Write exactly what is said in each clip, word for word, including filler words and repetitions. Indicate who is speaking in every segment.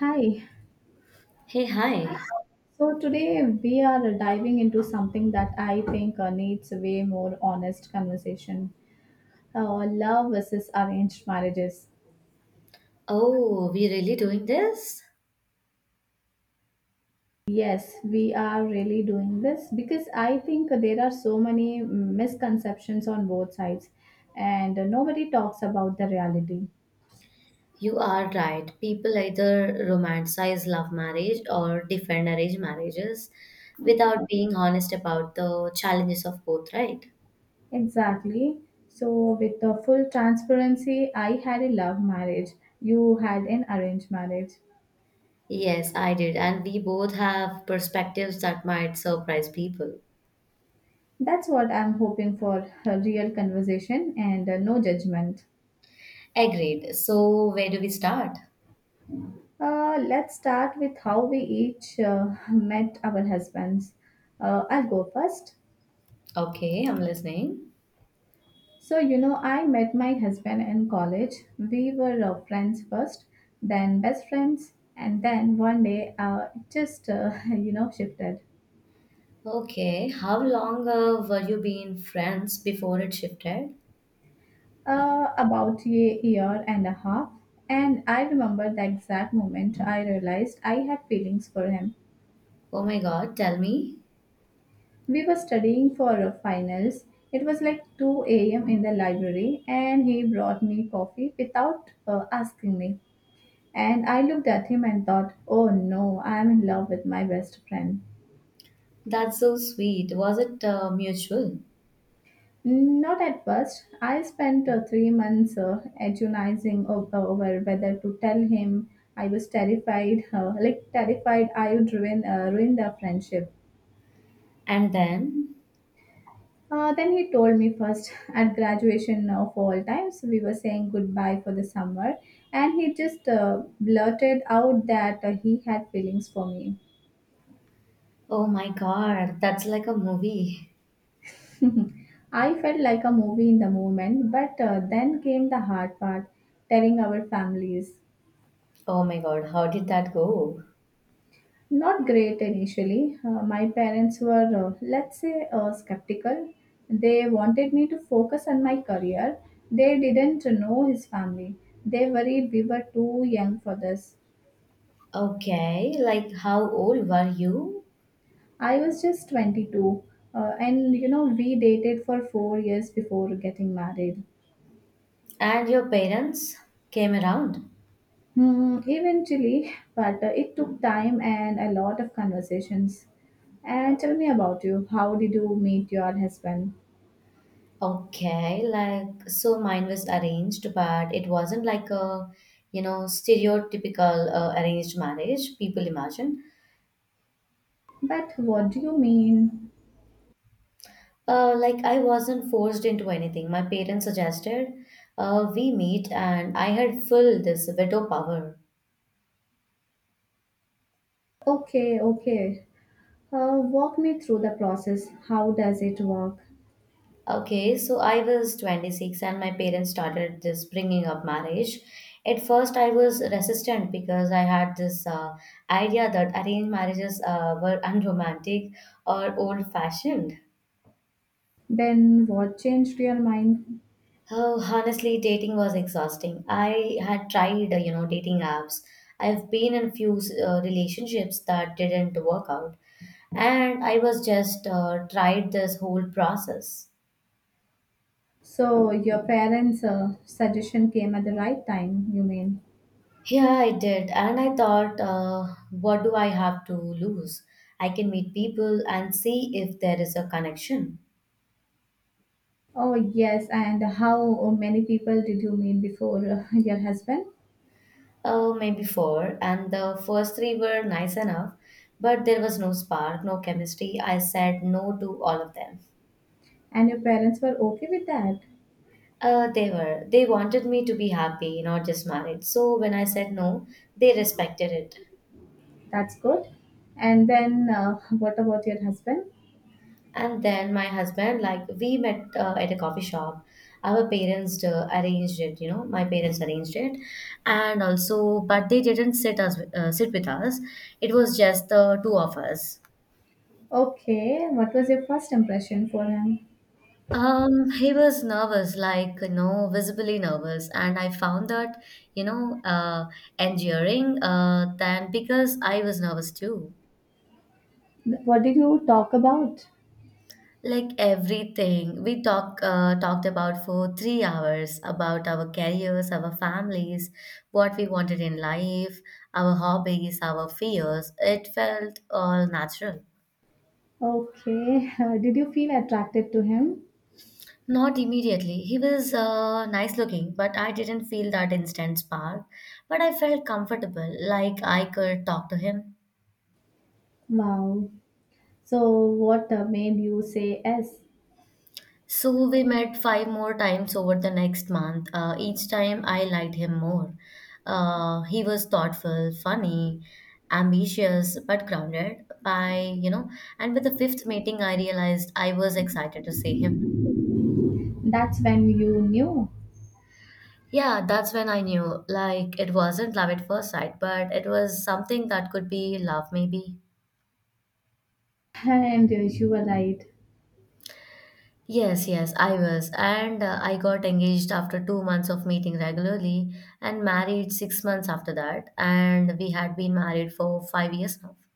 Speaker 1: Hi.
Speaker 2: Hey, hi.
Speaker 1: So today we are diving into something that I think uh, needs way more honest conversation. Uh, love versus arranged marriages.
Speaker 2: Oh, we really doing this?
Speaker 1: Yes, we are really doing this because I think there are so many misconceptions on both sides and nobody talks about the reality.
Speaker 2: You are right. People either romanticize love marriage or defend arranged marriages without being honest about the challenges of both, right?
Speaker 1: Exactly. So, with the full transparency, I had a love marriage. You had an arranged marriage.
Speaker 2: Yes, I did. And we both have perspectives that might surprise people.
Speaker 1: That's what I'm hoping for, a real conversation and uh, no judgment.
Speaker 2: Agreed. So, where do we start?
Speaker 1: Uh, let's start with how we each uh, met our husbands. Uh, I'll go first.
Speaker 2: Okay, I'm listening.
Speaker 1: So, you know, I met my husband in college. We were uh, friends first, then best friends, and then one day uh, it just, uh, you know, shifted.
Speaker 2: Okay, how long uh, were you being friends before it shifted?
Speaker 1: Uh, about a year and a half. And I remember the exact moment I realized I had feelings for him.
Speaker 2: Oh my God, tell me.
Speaker 1: We were studying for uh, finals. It was like two a m in the library, and he brought me coffee without uh, asking me. And I looked at him and thought, oh no, I am in love with my best friend.
Speaker 2: That's so sweet. Was it uh, mutual?
Speaker 1: Not at first. I spent uh, three months uh, agonizing o- uh, over whether to tell him. I was terrified, uh, like terrified I would ruin, uh, ruin the friendship.
Speaker 2: And then,
Speaker 1: Uh, then he told me first at graduation of all times. We were saying goodbye for the summer, and he just uh, blurted out that uh, he had feelings for me.
Speaker 2: oh my God, that's like a movie.
Speaker 1: I felt like a movie in the moment, but uh, then came the hard part, telling our families.
Speaker 2: Oh my God, how did that go?
Speaker 1: Not great initially. Uh, my parents were, uh, let's say, uh, skeptical. They wanted me to focus on my career. They didn't know his family. They worried we were too young for this.
Speaker 2: Okay, like how old were you?
Speaker 1: I was just twenty-two, uh, and you know, we dated for four years before getting married.
Speaker 2: And your parents came around.
Speaker 1: Hmm, eventually, but uh, it took time and a lot of conversations. And tell me about you. How did you meet your husband?
Speaker 2: Okay, like so mine was arranged, but it wasn't like a, you know, stereotypical uh, arranged marriage people imagine.
Speaker 1: But what do you mean?
Speaker 2: Uh, like I wasn't forced into anything. My parents suggested uh, we meet, and I had full this veto power.
Speaker 1: Okay, okay. Uh, walk me through the process. How does it work?
Speaker 2: Okay, so I was twenty-six and my parents started this bringing up marriage. At first, I was resistant because I had this uh, idea that arranged marriages uh, were unromantic or old fashioned.
Speaker 1: Then what changed your mind?
Speaker 2: Oh, honestly, dating was exhausting. I had tried, uh, you know, dating apps. I've been in few uh, relationships that didn't work out. And I was just uh, tried this whole process.
Speaker 1: So your parents' uh, suggestion came at the right time, you mean?
Speaker 2: Yeah, I did, and I thought, uh, what do I have to lose? I can meet people and see if there is a connection.
Speaker 1: Oh, yes. And how many people did you meet before uh, your husband?
Speaker 2: Oh, maybe four, and the first three were nice enough, but there was no spark, no chemistry. I said no to all of them.
Speaker 1: And your parents were okay with that.
Speaker 2: Uh, they were. They wanted me to be happy, not just married. So when I said no, they respected it.
Speaker 1: That's good. And then uh, what about your husband?
Speaker 2: And then my husband, like we met uh, at a coffee shop. Our parents uh, arranged it, you know, my parents arranged it, and also, but they didn't sit us uh, sit with us. It was just the two of us.
Speaker 1: Okay. What was your first impression for him?
Speaker 2: Um, he was nervous, like, you know, visibly nervous, and I found that, you know, uh, enduring, uh, than because I was nervous too.
Speaker 1: What did you talk about?
Speaker 2: Like everything, we talk uh, talked about for three hours about our careers, our families, what we wanted in life, our hobbies, our fears. It felt all natural.
Speaker 1: Okay. Did you feel attracted to him?
Speaker 2: Not immediately. He was uh, nice looking, but I didn't feel that instant spark. But I felt comfortable, like I could talk to him.
Speaker 1: Wow. So what uh, made you say yes?
Speaker 2: So we met five more times over the next month. Uh, each time I liked him more. Uh, he was thoughtful, funny, ambitious, but grounded. By, you know, and with the fifth meeting, I realized I was excited to see him.
Speaker 1: That's when you knew.
Speaker 2: Yeah, that's when I knew. Like, it wasn't love at first sight, but it was something that could be love, maybe.
Speaker 1: And uh, you were right.
Speaker 2: Yes, yes, I was. And uh, I got engaged after two months of meeting regularly and married six months after that. And we had been married for five years now.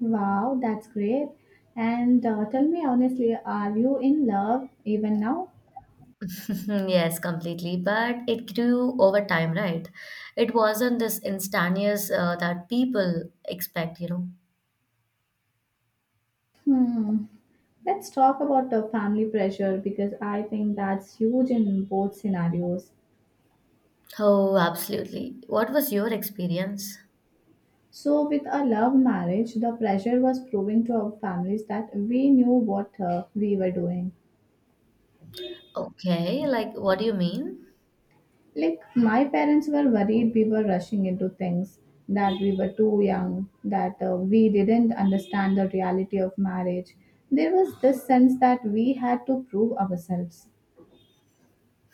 Speaker 1: Wow, that's great. And uh, tell me honestly, are you in love even now?
Speaker 2: Mhm, yes, completely. But it grew over time, right? It wasn't this instantaneous uh, that people expect, you know.
Speaker 1: Hmm. Let's talk about the family pressure because I think that's huge in both scenarios.
Speaker 2: Oh, absolutely. What was your experience?
Speaker 1: So, with a love marriage, the pressure was proving to our families that we knew what uh, we were doing.
Speaker 2: Okay, like what do you mean?
Speaker 1: Like, my parents were worried we were rushing into things, that we were too young, that uh, we didn't understand the reality of marriage. There was this sense that we had to prove ourselves.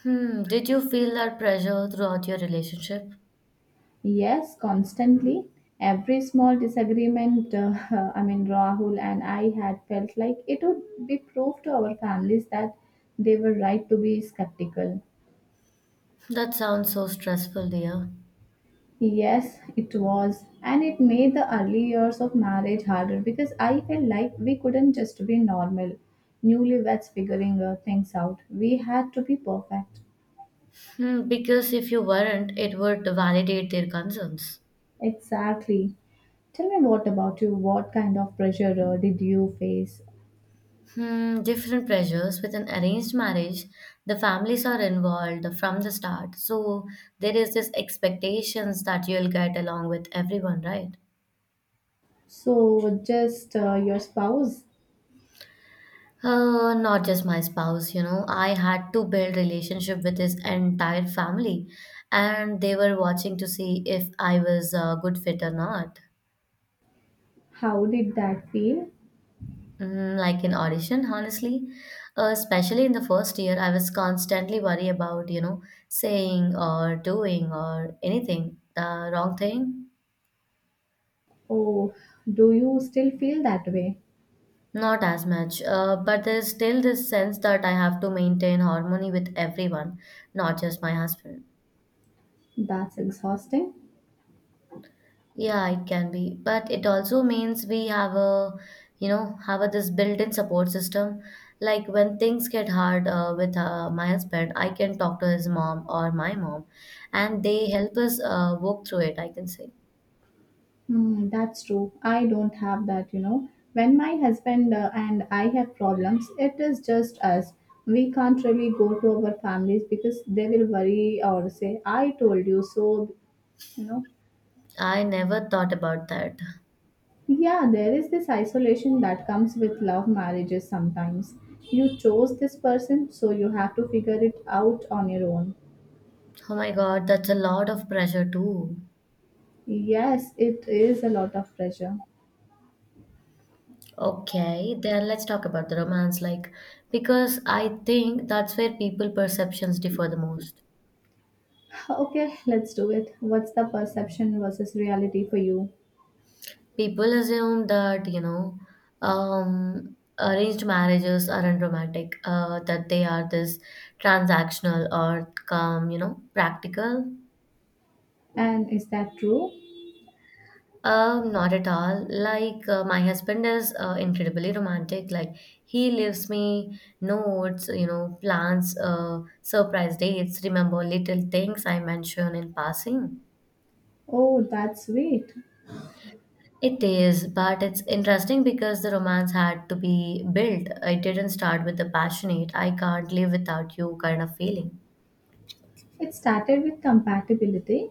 Speaker 2: Hmm, did you feel that pressure throughout your relationship?
Speaker 1: Yes, constantly. Every small disagreement, uh, I mean, Rahul and I had felt like it would be proof to our families that they were right to be skeptical.
Speaker 2: That sounds so stressful, dear.
Speaker 1: Yes, it was. And it made the early years of marriage harder because I felt like we couldn't just be normal newlyweds figuring uh, things out. We had to be perfect.
Speaker 2: Hmm, because if you weren't, it would validate their concerns.
Speaker 1: Exactly. Tell me, what about you? What kind of pressure uh, did you face?
Speaker 2: Hmm, different pressures. With an arranged marriage, the families are involved from the start. So there is this expectations that you'll get along with everyone, right?
Speaker 1: So, just uh, your spouse,
Speaker 2: Uh, not just my spouse, you know. I had to build relationship with his entire family, and they were watching to see if I was a good fit or not.
Speaker 1: how did that feel?
Speaker 2: Mm, like an audition, honestly. Uh, especially in the first year, I was constantly worried about, you know, saying or doing or anything the wrong thing.
Speaker 1: Or do you still feel that way?
Speaker 2: Not as much, uh, but there's still this sense that I have to maintain harmony with everyone, not just my husband.
Speaker 1: That's exhausting.
Speaker 2: Yeah, it can be, but it also means we have a, you know, have a, this built-in support system. Like when things get hard uh, with uh, my husband, I can talk to his mom or my mom, and they help us uh, work through it, I can say.
Speaker 1: Hmm, that's true. I don't have that, you know. When my husband uh, and I have problems, it is just us. We can't really go to our families because they will worry or say, I told you so, you know.
Speaker 2: I never thought about that.
Speaker 1: Yeah, there is this isolation that comes with love marriages sometimes. You chose this person, so you have to figure it out on your own.
Speaker 2: Oh my God, that's a lot of pressure too.
Speaker 1: Yes, it is a lot of pressure.
Speaker 2: Okay, then let's talk about the romance, like because I think that's where people perceptions differ the most.
Speaker 1: Okay, let's do it. What's the perception versus reality for you?
Speaker 2: People assume that, you know, um, arranged marriages are unromantic. Romantic, uh, that they are this transactional or come, you know, practical.
Speaker 1: And is that true?
Speaker 2: Um, not at all. Like, uh, my husband is uh, incredibly romantic. Like, he leaves me notes, you know, plans, uh, surprise dates, remember little things I mention in passing.
Speaker 1: Oh, that's sweet.
Speaker 2: It is, but it's interesting because the romance had to be built. It didn't start with the passionate, I can't live without you kind of feeling.
Speaker 1: It started with compatibility.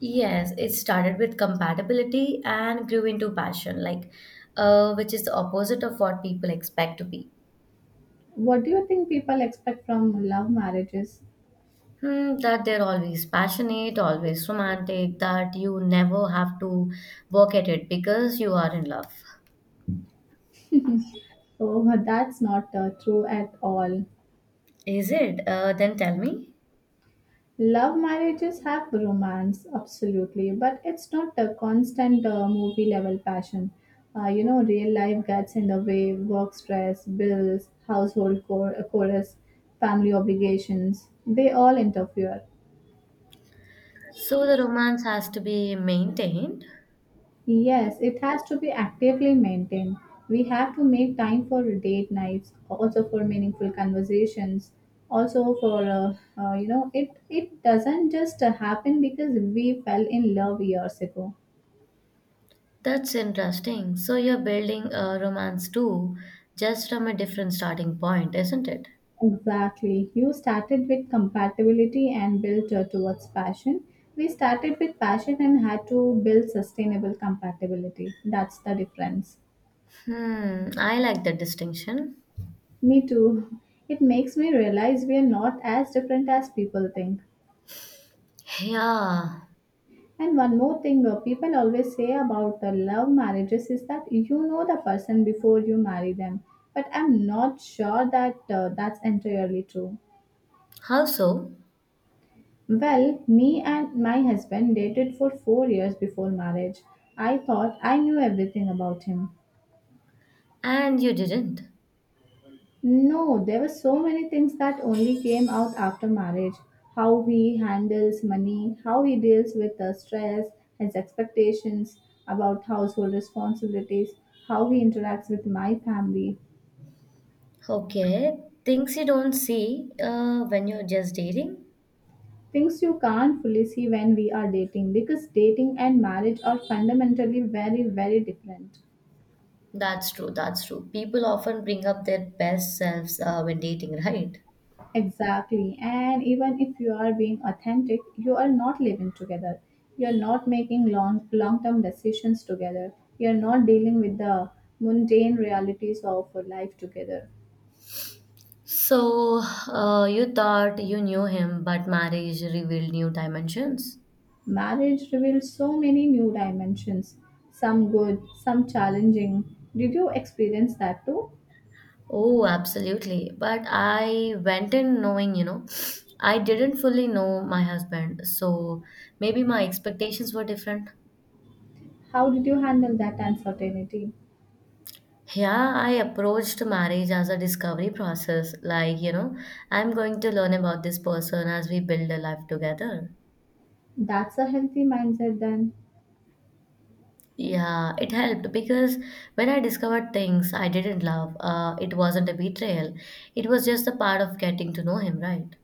Speaker 2: Yes, it started with compatibility and grew into passion, like, uh, which is the opposite of what people expect to be.
Speaker 1: What do you think people expect from love marriages?
Speaker 2: Hmm, that they're always passionate, always romantic, that you never have to work at it because you are in love.
Speaker 1: Oh, that's not uh, true at all.
Speaker 2: Is it? Uh, then tell me.
Speaker 1: Love marriages have romance, absolutely, but it's not a constant uh, movie level passion. Uh, you know, real life gets in the way: work stress, bills, household chor- chorus, family obligations, they all interfere.
Speaker 2: So the romance has to be maintained.
Speaker 1: Yes, it has to be actively maintained. We have to make time for date nights, also for meaningful conversations, also for uh, uh, you know, it it doesn't just uh, happen because we fell in love years ago.
Speaker 2: That's interesting. So you're building a romance too, just from a different starting point, isn't it?
Speaker 1: Exactly. You started with compatibility and built uh, towards passion. We started with passion and had to build sustainable compatibility. That's the difference.
Speaker 2: Hmm, I like that distinction.
Speaker 1: Me too. It makes me realize we are not as different as people think.
Speaker 2: Yeah.
Speaker 1: And one more thing, uh, people always say about the love marriages is that you know the person before you marry them. But I'm not sure that uh, that's entirely true.
Speaker 2: How so?
Speaker 1: Well, me and my husband dated for four years before marriage. I thought I knew everything about him.
Speaker 2: And you didn't.
Speaker 1: No, there were so many things that only came out after marriage. How he handles money, how he deals with the stress, his expectations about household responsibilities, how he interacts with my family.
Speaker 2: Okay. Things you don't see uh, when you're just dating?
Speaker 1: Things you can't fully see when we are dating, because dating and marriage are fundamentally very, very different.
Speaker 2: That's true, that's true. People often bring up their best selves uh, when dating, right?
Speaker 1: Exactly. And even if you are being authentic, you are not living together. You're not making long long term decisions together. You're not dealing with the mundane realities of life together.
Speaker 2: So, uh, you thought you knew him, but marriage revealed new dimensions?
Speaker 1: Marriage reveals so many new dimensions, some good, some challenging. Did you experience that too?
Speaker 2: Oh, absolutely. But I went in knowing, you know, I didn't fully know my husband. So maybe my expectations were different.
Speaker 1: How did you handle that uncertainty?
Speaker 2: Yeah, I approached marriage as a discovery process. Like, you know, I'm going to learn about this person as we build a life together.
Speaker 1: That's a healthy mindset then.
Speaker 2: Yeah, it helped because when I discovered things I didn't love, uh, it wasn't a betrayal. It was just a part of getting to know him, right?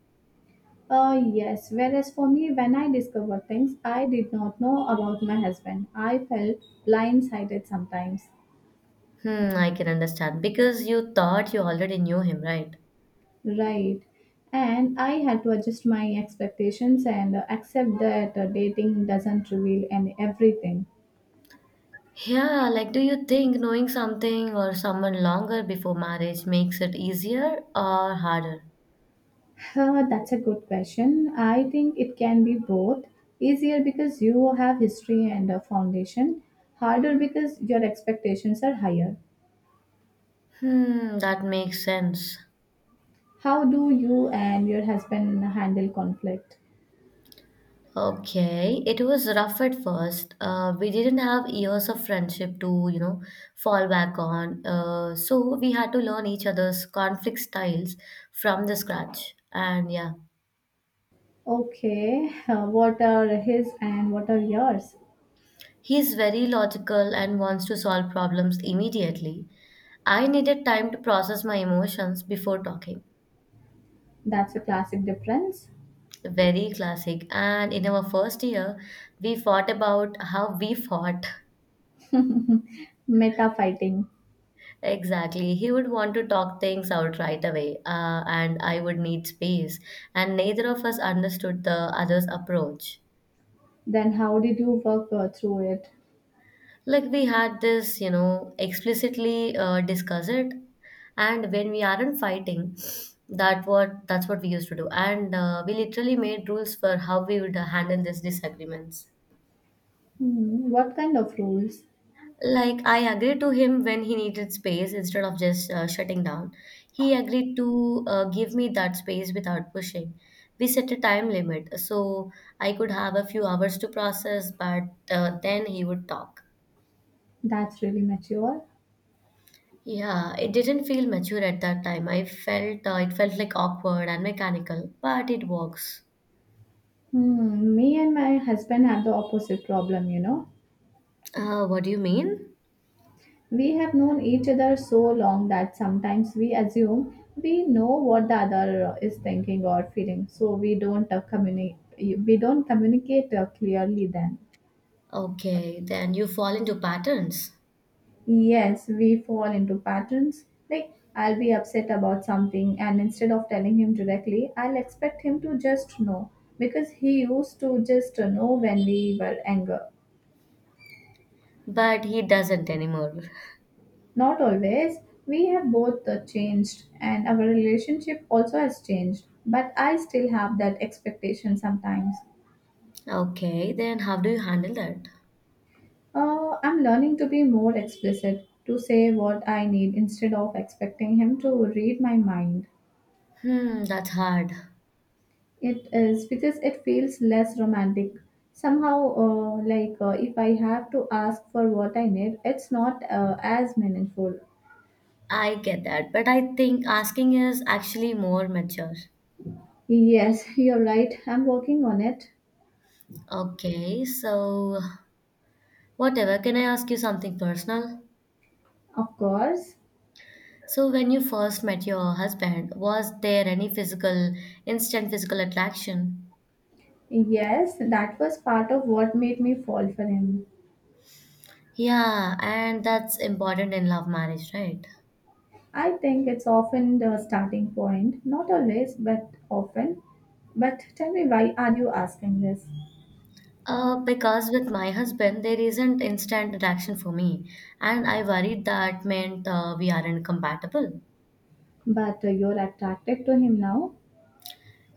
Speaker 1: Uh, yes, whereas for me, when I discovered things I did not know about my husband, I felt blindsided sometimes.
Speaker 2: Hmm, I can understand because you thought you already knew him, right?
Speaker 1: Right. And I had to adjust my expectations and uh, accept that uh, dating doesn't reveal any everything.
Speaker 2: Yeah, like do you think knowing something or someone longer before marriage makes it easier or harder?
Speaker 1: Uh, that's a good question. I think it can be both. Easier because you have history and a foundation, harder because your expectations are higher.
Speaker 2: Hmm, that makes sense.
Speaker 1: How do you and your husband handle conflict?
Speaker 2: Okay, it was rough at first. Uh, we didn't have years of friendship to, you know, fall back on. Uh, so we had to learn each other's conflict styles from the scratch. And yeah,
Speaker 1: Okay, uh, what are his and what are yours?
Speaker 2: he's very logical and wants to solve problems immediately. I needed time to process my emotions before talking.
Speaker 1: That's a classic difference.
Speaker 2: Very classic. And in our first year, we fought about how we fought.
Speaker 1: Meta fighting.
Speaker 2: Exactly. He would want to talk things out right away, uh, and I would need space. And neither of us understood the other's approach.
Speaker 1: Then how did you work uh, through it?
Speaker 2: Like we had this, you know, explicitly uh, discuss it, and when we aren't fighting, that what that's what we used to do. And uh, we literally made rules for how we would handle these disagreements.
Speaker 1: Hmm, what kind of rules?
Speaker 2: Like, I agreed to him when he needed space instead of just uh, shutting down. He agreed to uh, give me that space without pushing. We set a time limit so I could have a few hours to process, but uh, then he would talk.
Speaker 1: That's really mature.
Speaker 2: Yeah, it didn't feel mature at that time. I felt uh, it felt like awkward and mechanical, but it works.
Speaker 1: Hmm, me and my husband have the opposite problem, you know.
Speaker 2: Uh, what do you mean?
Speaker 1: We have known each other so long that sometimes we assume we know what the other uh, is thinking or feeling, so we don't uh, communicate. We don't communicate uh, clearly then.
Speaker 2: Okay, then you fall into patterns.
Speaker 1: Yes, we fall into patterns. Like, I'll be upset about something, and instead of telling him directly, I'll expect him to just know because he used to just know when we were anger.
Speaker 2: But he doesn't anymore.
Speaker 1: Not always. We have both uh, changed, and our relationship also has changed. But I still have that expectation sometimes.
Speaker 2: Okay, then how do you handle that?
Speaker 1: Uh, I'm learning to be more explicit, to say what I need instead of expecting him to read my mind.
Speaker 2: Hmm, that's hard.
Speaker 1: It is, because it feels less romantic. Somehow, uh, like uh, if I have to ask for what I need, it's not uh, as meaningful.
Speaker 2: I get that, but I think asking is actually more mature.
Speaker 1: Yes, you're right. I'm working on it.
Speaker 2: Okay, so whatever, can I ask you something personal?
Speaker 1: Of course.
Speaker 2: So when you first met your husband, was there any physical, instant physical attraction?
Speaker 1: Yes, that was part of what made me fall for him.
Speaker 2: Yeah, and that's important in love marriage, right?
Speaker 1: I think it's often the starting point. Not always, but often. But tell me, why are you asking this?
Speaker 2: Uh, because with my husband, there isn't instant attraction for me, and I worried that meant uh, we aren't compatible.
Speaker 1: But uh, you're attracted to him now?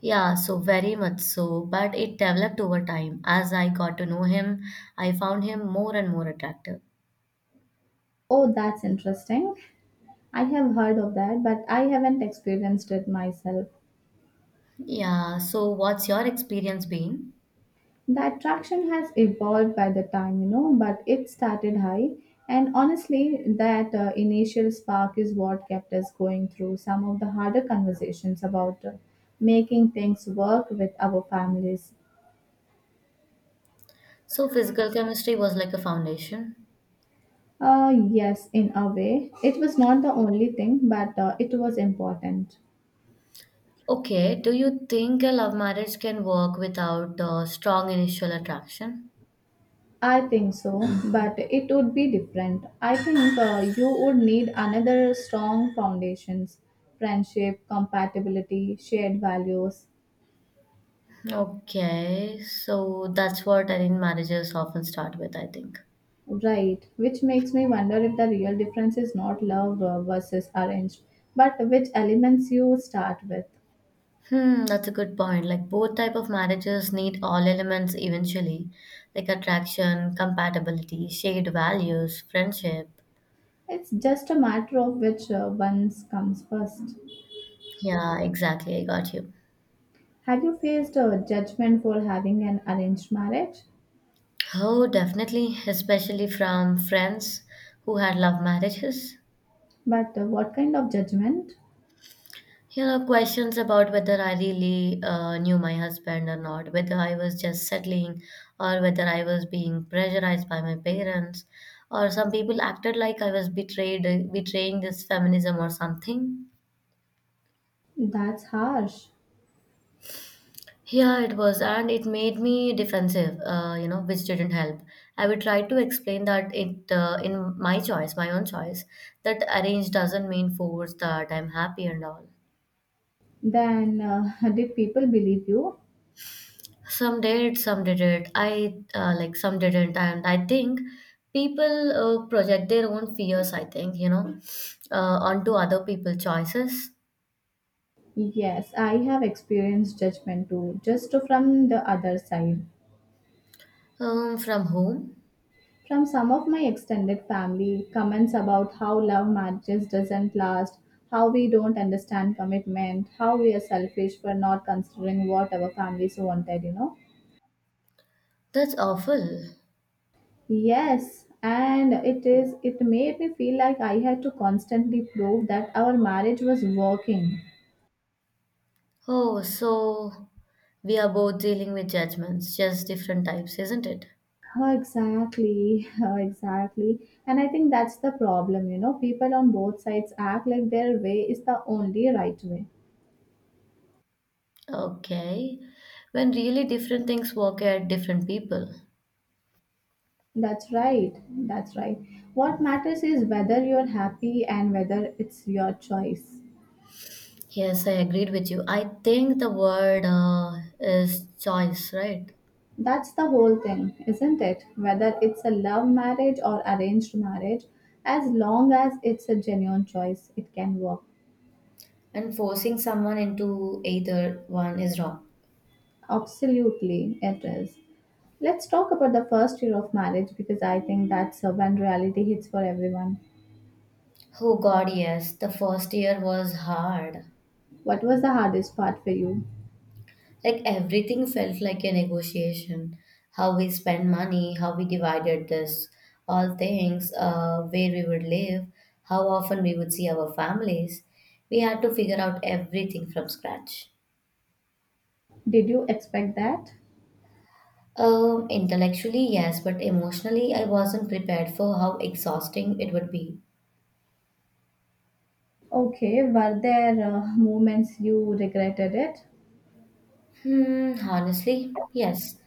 Speaker 2: Yeah, so very much so, but it developed over time. As I got to know him, I found him more and more attractive.
Speaker 1: Oh, that's interesting. I have heard of that, but I haven't experienced it myself.
Speaker 2: Yeah, so what's your experience been?
Speaker 1: The attraction has evolved by the time, you know, but it started high. And honestly, that uh, initial spark is what kept us going through some of the harder conversations about uh, making things work with our families.
Speaker 2: So physical chemistry was like a foundation.
Speaker 1: Uh, yes, in a way, it was not the only thing, but uh, it was important.
Speaker 2: Okay, do you think a love marriage can work without uh, strong initial attraction?
Speaker 1: I think so, but it would be different. I think uh, you would need another strong foundations: friendship, compatibility, shared values.
Speaker 2: Okay, so that's what arranged marriages often start with, I think.
Speaker 1: Right, which makes me wonder if the real difference is not love uh, versus arranged, but which elements you start with.
Speaker 2: Hmm, that's a good point. Like both type of marriages need all elements eventually, like attraction, compatibility, shared values, friendship.
Speaker 1: It's just a matter of which uh, ones comes first.
Speaker 2: Yeah, exactly. I got you.
Speaker 1: Have you faced uh, judgment for having an arranged marriage?
Speaker 2: Oh, definitely, especially from friends who had love marriages.
Speaker 1: But uh, what kind of judgment?
Speaker 2: You know, questions about whether I really uh, knew my husband or not, whether I was just settling, or whether I was being pressurized by my parents, or some people acted like I was betrayed, betraying this feminism or something.
Speaker 1: That's harsh.
Speaker 2: Yeah, it was, and it made me defensive, uh, you know, which didn't help. I would try to explain that it, uh, in my choice, my own choice, that arrange doesn't mean force that I'm happy and all.
Speaker 1: Then uh, did people believe you?
Speaker 2: Some did, some didn't. I uh, like some didn't, and I think people uh, project their own fears. I think you know, uh, onto other people's choices.
Speaker 1: Yes, I have experienced judgment too, just from the other side.
Speaker 2: Um, from whom?
Speaker 1: From some of my extended family, comments about how love marriages doesn't last, how we don't understand commitment, how we are selfish for not considering what our families wanted, you know.
Speaker 2: That's awful.
Speaker 1: Yes, and it is it made me feel like I had to constantly prove that our marriage was working.
Speaker 2: Oh, so we are both dealing with judgments, just different types, isn't it?
Speaker 1: Oh, exactly. Oh, exactly. And I think that's the problem, you know. People on both sides act like their way is the only right way.
Speaker 2: Okay. When really different things work at different people.
Speaker 1: That's right, that's right. What matters is whether you're happy and whether it's your choice.
Speaker 2: Yes, I agreed with you. I think the word uh, is choice, right?
Speaker 1: That's the whole thing, isn't it? Whether it's a love marriage or arranged marriage, as long as it's a genuine choice, it can work.
Speaker 2: And forcing someone into either one is wrong.
Speaker 1: Absolutely, it is. Let's talk about the first year of marriage because I think that's uh, when reality hits for everyone.
Speaker 2: Oh, God, yes. The first year was hard.
Speaker 1: What was the hardest part for you?
Speaker 2: Like everything felt like a negotiation. How we spend money, how we divided this, all things, uh, where we would live, how often we would see our families. We had to figure out everything from scratch.
Speaker 1: Did you expect that?
Speaker 2: Um, intellectually, yes, but emotionally, I wasn't prepared for how exhausting it would be.
Speaker 1: Okay, were there uh, moments you regretted it?
Speaker 2: Hmm, honestly, yes.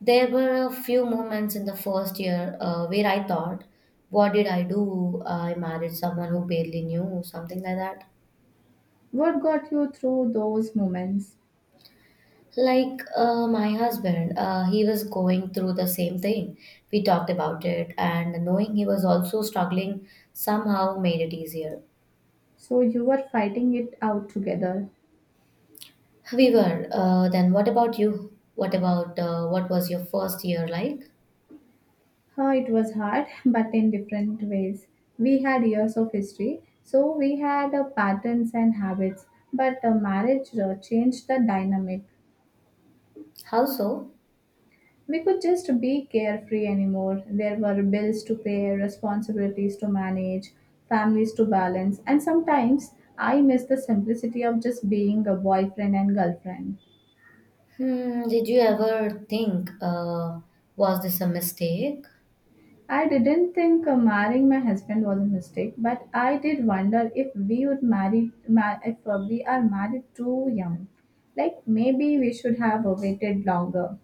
Speaker 2: There were a few moments in the first year uh, where I thought, what did I do? I married someone who barely knew, something like that.
Speaker 1: What got you through those moments?
Speaker 2: Like uh, my husband, uh, he was going through the same thing. We talked about it, and knowing he was also struggling somehow made it easier.
Speaker 1: So you were fighting it out together.
Speaker 2: We were. Uh, then what about you? What about uh, what was your first year like?
Speaker 1: Huh, it was hard, but in different ways. We had years of history, so we had uh, patterns and habits, but uh, marriage uh, changed the dynamic.
Speaker 2: How so?
Speaker 1: We could just be carefree anymore. There were bills to pay, responsibilities to manage, families to balance, and sometimes I miss the simplicity of just being a boyfriend and girlfriend.
Speaker 2: Hmm, did you ever think, uh, was this a mistake?
Speaker 1: I didn't think uh, marrying my husband was a mistake, but I did wonder if we would marry ma- if uh, we are married too young. Like maybe we should have uh, waited longer.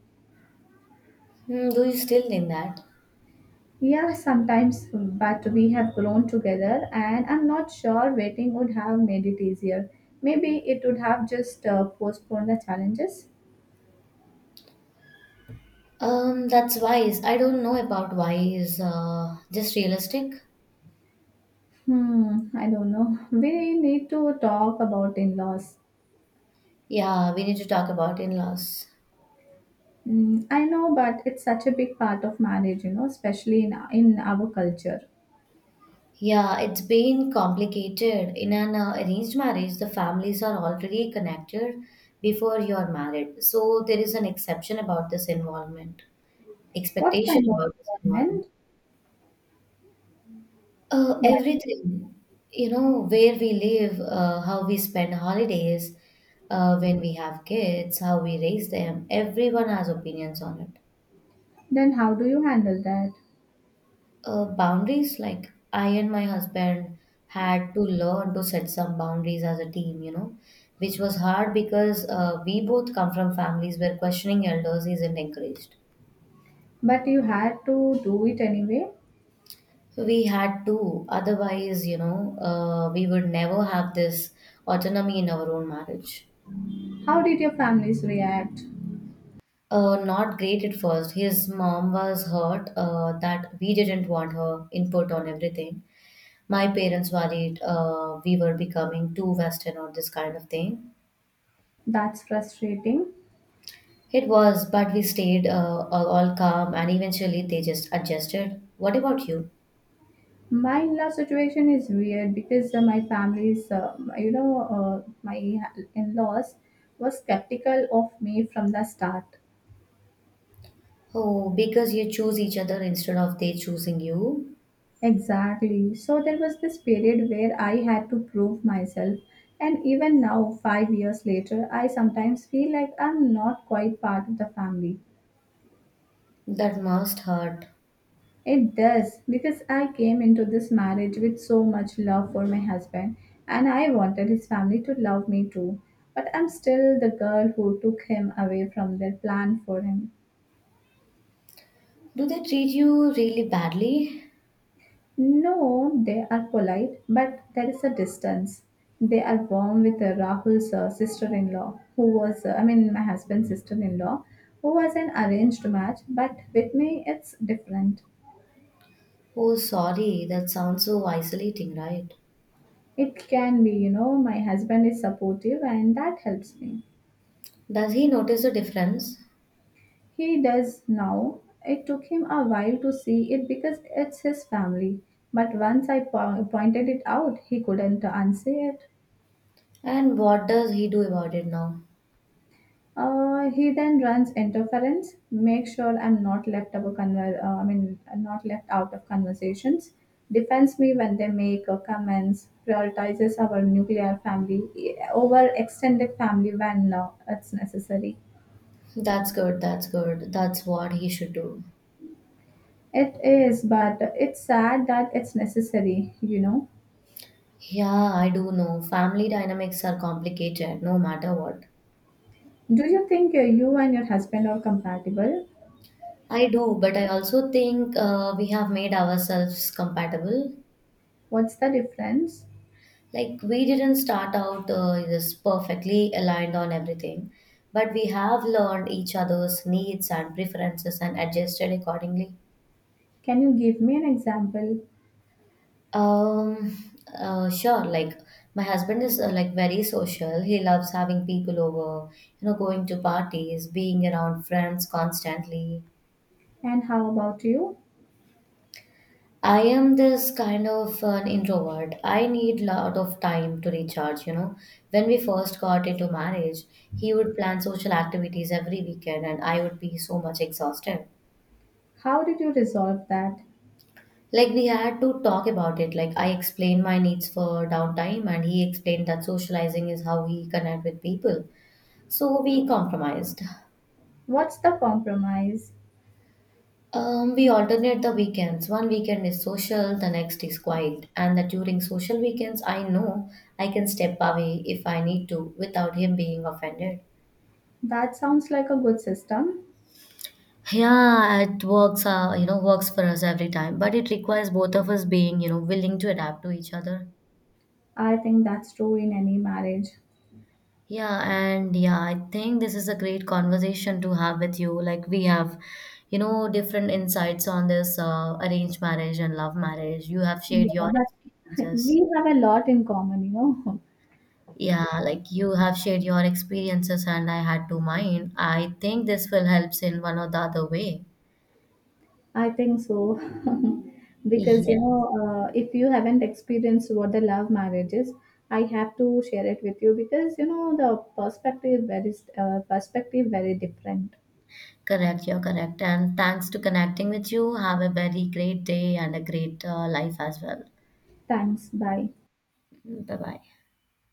Speaker 2: Hmm, do you still think that?
Speaker 1: Yeah, sometimes, but we have grown together, and I'm not sure waiting would have made it easier. Maybe it would have just uh, postponed the challenges.
Speaker 2: Um, that's wise. I don't know about wise, uh, just realistic.
Speaker 1: Hmm, I don't know. We need to talk about in-laws.
Speaker 2: Yeah, we need to talk about in-laws.
Speaker 1: Mm, I know, but it's such a big part of marriage, you know, especially in in our culture.
Speaker 2: Yeah, it's been complicated. In an uh, arranged marriage, the families are already connected before you're married. So there is an exception about this involvement,
Speaker 1: What kind
Speaker 2: expectation
Speaker 1: of
Speaker 2: about this involvement.
Speaker 1: involvement?
Speaker 2: Uh,
Speaker 1: But
Speaker 2: everything, you know, where we live, uh, how we spend holidays, uh, when we have kids, how we raise them, everyone has opinions on it.
Speaker 1: then, how do you handle that?
Speaker 2: Uh, boundaries like I and my husband had to learn to set some boundaries as a team, you know which was hard because uh, we both come from families where questioning elders isn't encouraged.
Speaker 1: But you had to do it anyway.
Speaker 2: So we had to, otherwise you know uh, we would never have this autonomy in our own marriage.
Speaker 1: How did your families react?
Speaker 2: Uh, not great at first. His mom was hurt uh, that we didn't want her input on everything. My parents worried uh, we were becoming too western or this kind of thing.
Speaker 1: That's frustrating.
Speaker 2: It was, but we stayed uh, all all calm and eventually they just adjusted. What about you?
Speaker 1: My in-law situation is weird because uh, my family's, uh, you know, uh, my in-laws was skeptical of me from the start.
Speaker 2: Oh, because you choose each other instead of they choosing you?
Speaker 1: Exactly. So there was this period where I had to prove myself. And even now, five years later, I sometimes feel like I'm not quite part of the family.
Speaker 2: That must hurt.
Speaker 1: It does, because I came into this marriage with so much love for my husband, and I wanted his family to love me too. But I'm still the girl who took him away from their plan for him.
Speaker 2: Do they treat you really badly?
Speaker 1: No, they are polite, but there is a distance. They are warm with uh, Rahul's uh, sister-in-law, who was, uh, I mean, my husband's sister-in-law, who was an arranged match, but with me it's different.
Speaker 2: Oh, sorry, that sounds so isolating, right?
Speaker 1: It can be, you know, my husband is supportive and that helps me.
Speaker 2: Does he notice the difference?
Speaker 1: He does now. It took him a while to see it because it's his family. But once I po- pointed it out, he couldn't unsay it.
Speaker 2: And what does he do about it now?
Speaker 1: Uh, he then runs interference, makes sure I'm not left of a conver- uh, I mean, not left out of conversations, defends me when they make uh, comments, prioritizes our nuclear family eh, over extended family when uh, it's necessary.
Speaker 2: That's good, that's good. That's what he should do.
Speaker 1: It is, but it's sad that it's necessary, you know.
Speaker 2: Yeah, I do know. Family dynamics are complicated no matter what.
Speaker 1: Do you think uh, you and your husband are compatible?
Speaker 2: I do, but I also think uh, we have made ourselves compatible.
Speaker 1: What's the difference?
Speaker 2: Like, we didn't start out uh, this perfectly aligned on everything, but we have learned each other's needs and preferences and adjusted accordingly.
Speaker 1: Can you give me an example?
Speaker 2: Um, uh, sure, like, my husband is uh, like very social. He loves having people over, you know, going to parties, being around friends constantly.
Speaker 1: And how about you?
Speaker 2: I am this kind of an introvert. I need lot of time to recharge, you know. When we first got into marriage, he would plan social activities every weekend and I would be so much exhausted.
Speaker 1: How did you resolve that?
Speaker 2: Like we had to talk about it. Like I explained my needs for downtime and he explained that socializing is how he connect with people. So we compromised.
Speaker 1: What's the compromise?
Speaker 2: Um, we alternate the weekends. One weekend is social, the next is quiet. And that during social weekends, I know I can step away if I need to without him being offended.
Speaker 1: That sounds like a good system.
Speaker 2: Yeah, it works, uh, you know, works for us every time, but it requires both of us being, you know, willing to adapt to each other.
Speaker 1: I think that's true in any marriage.
Speaker 2: Yeah, and yeah, I think this is a great conversation to have with you. Like we have, you know, different insights on this uh, arranged marriage and love marriage. You have shared
Speaker 1: Yeah,
Speaker 2: your
Speaker 1: but
Speaker 2: experiences.
Speaker 1: we have a lot in common, you know.
Speaker 2: Yeah, like you have shared your experiences and I had to mine. I think this will help in one or the other way.
Speaker 1: I think so. Because, you
Speaker 2: Yeah.
Speaker 1: know, uh, if you haven't experienced what the love marriage is, I have to share it with you because, you know, the perspective very uh, perspective very different.
Speaker 2: Correct, you're correct. And thanks to connecting with you. Have a very great day and a great uh, life as well.
Speaker 1: Thanks. Bye.
Speaker 2: Bye bye.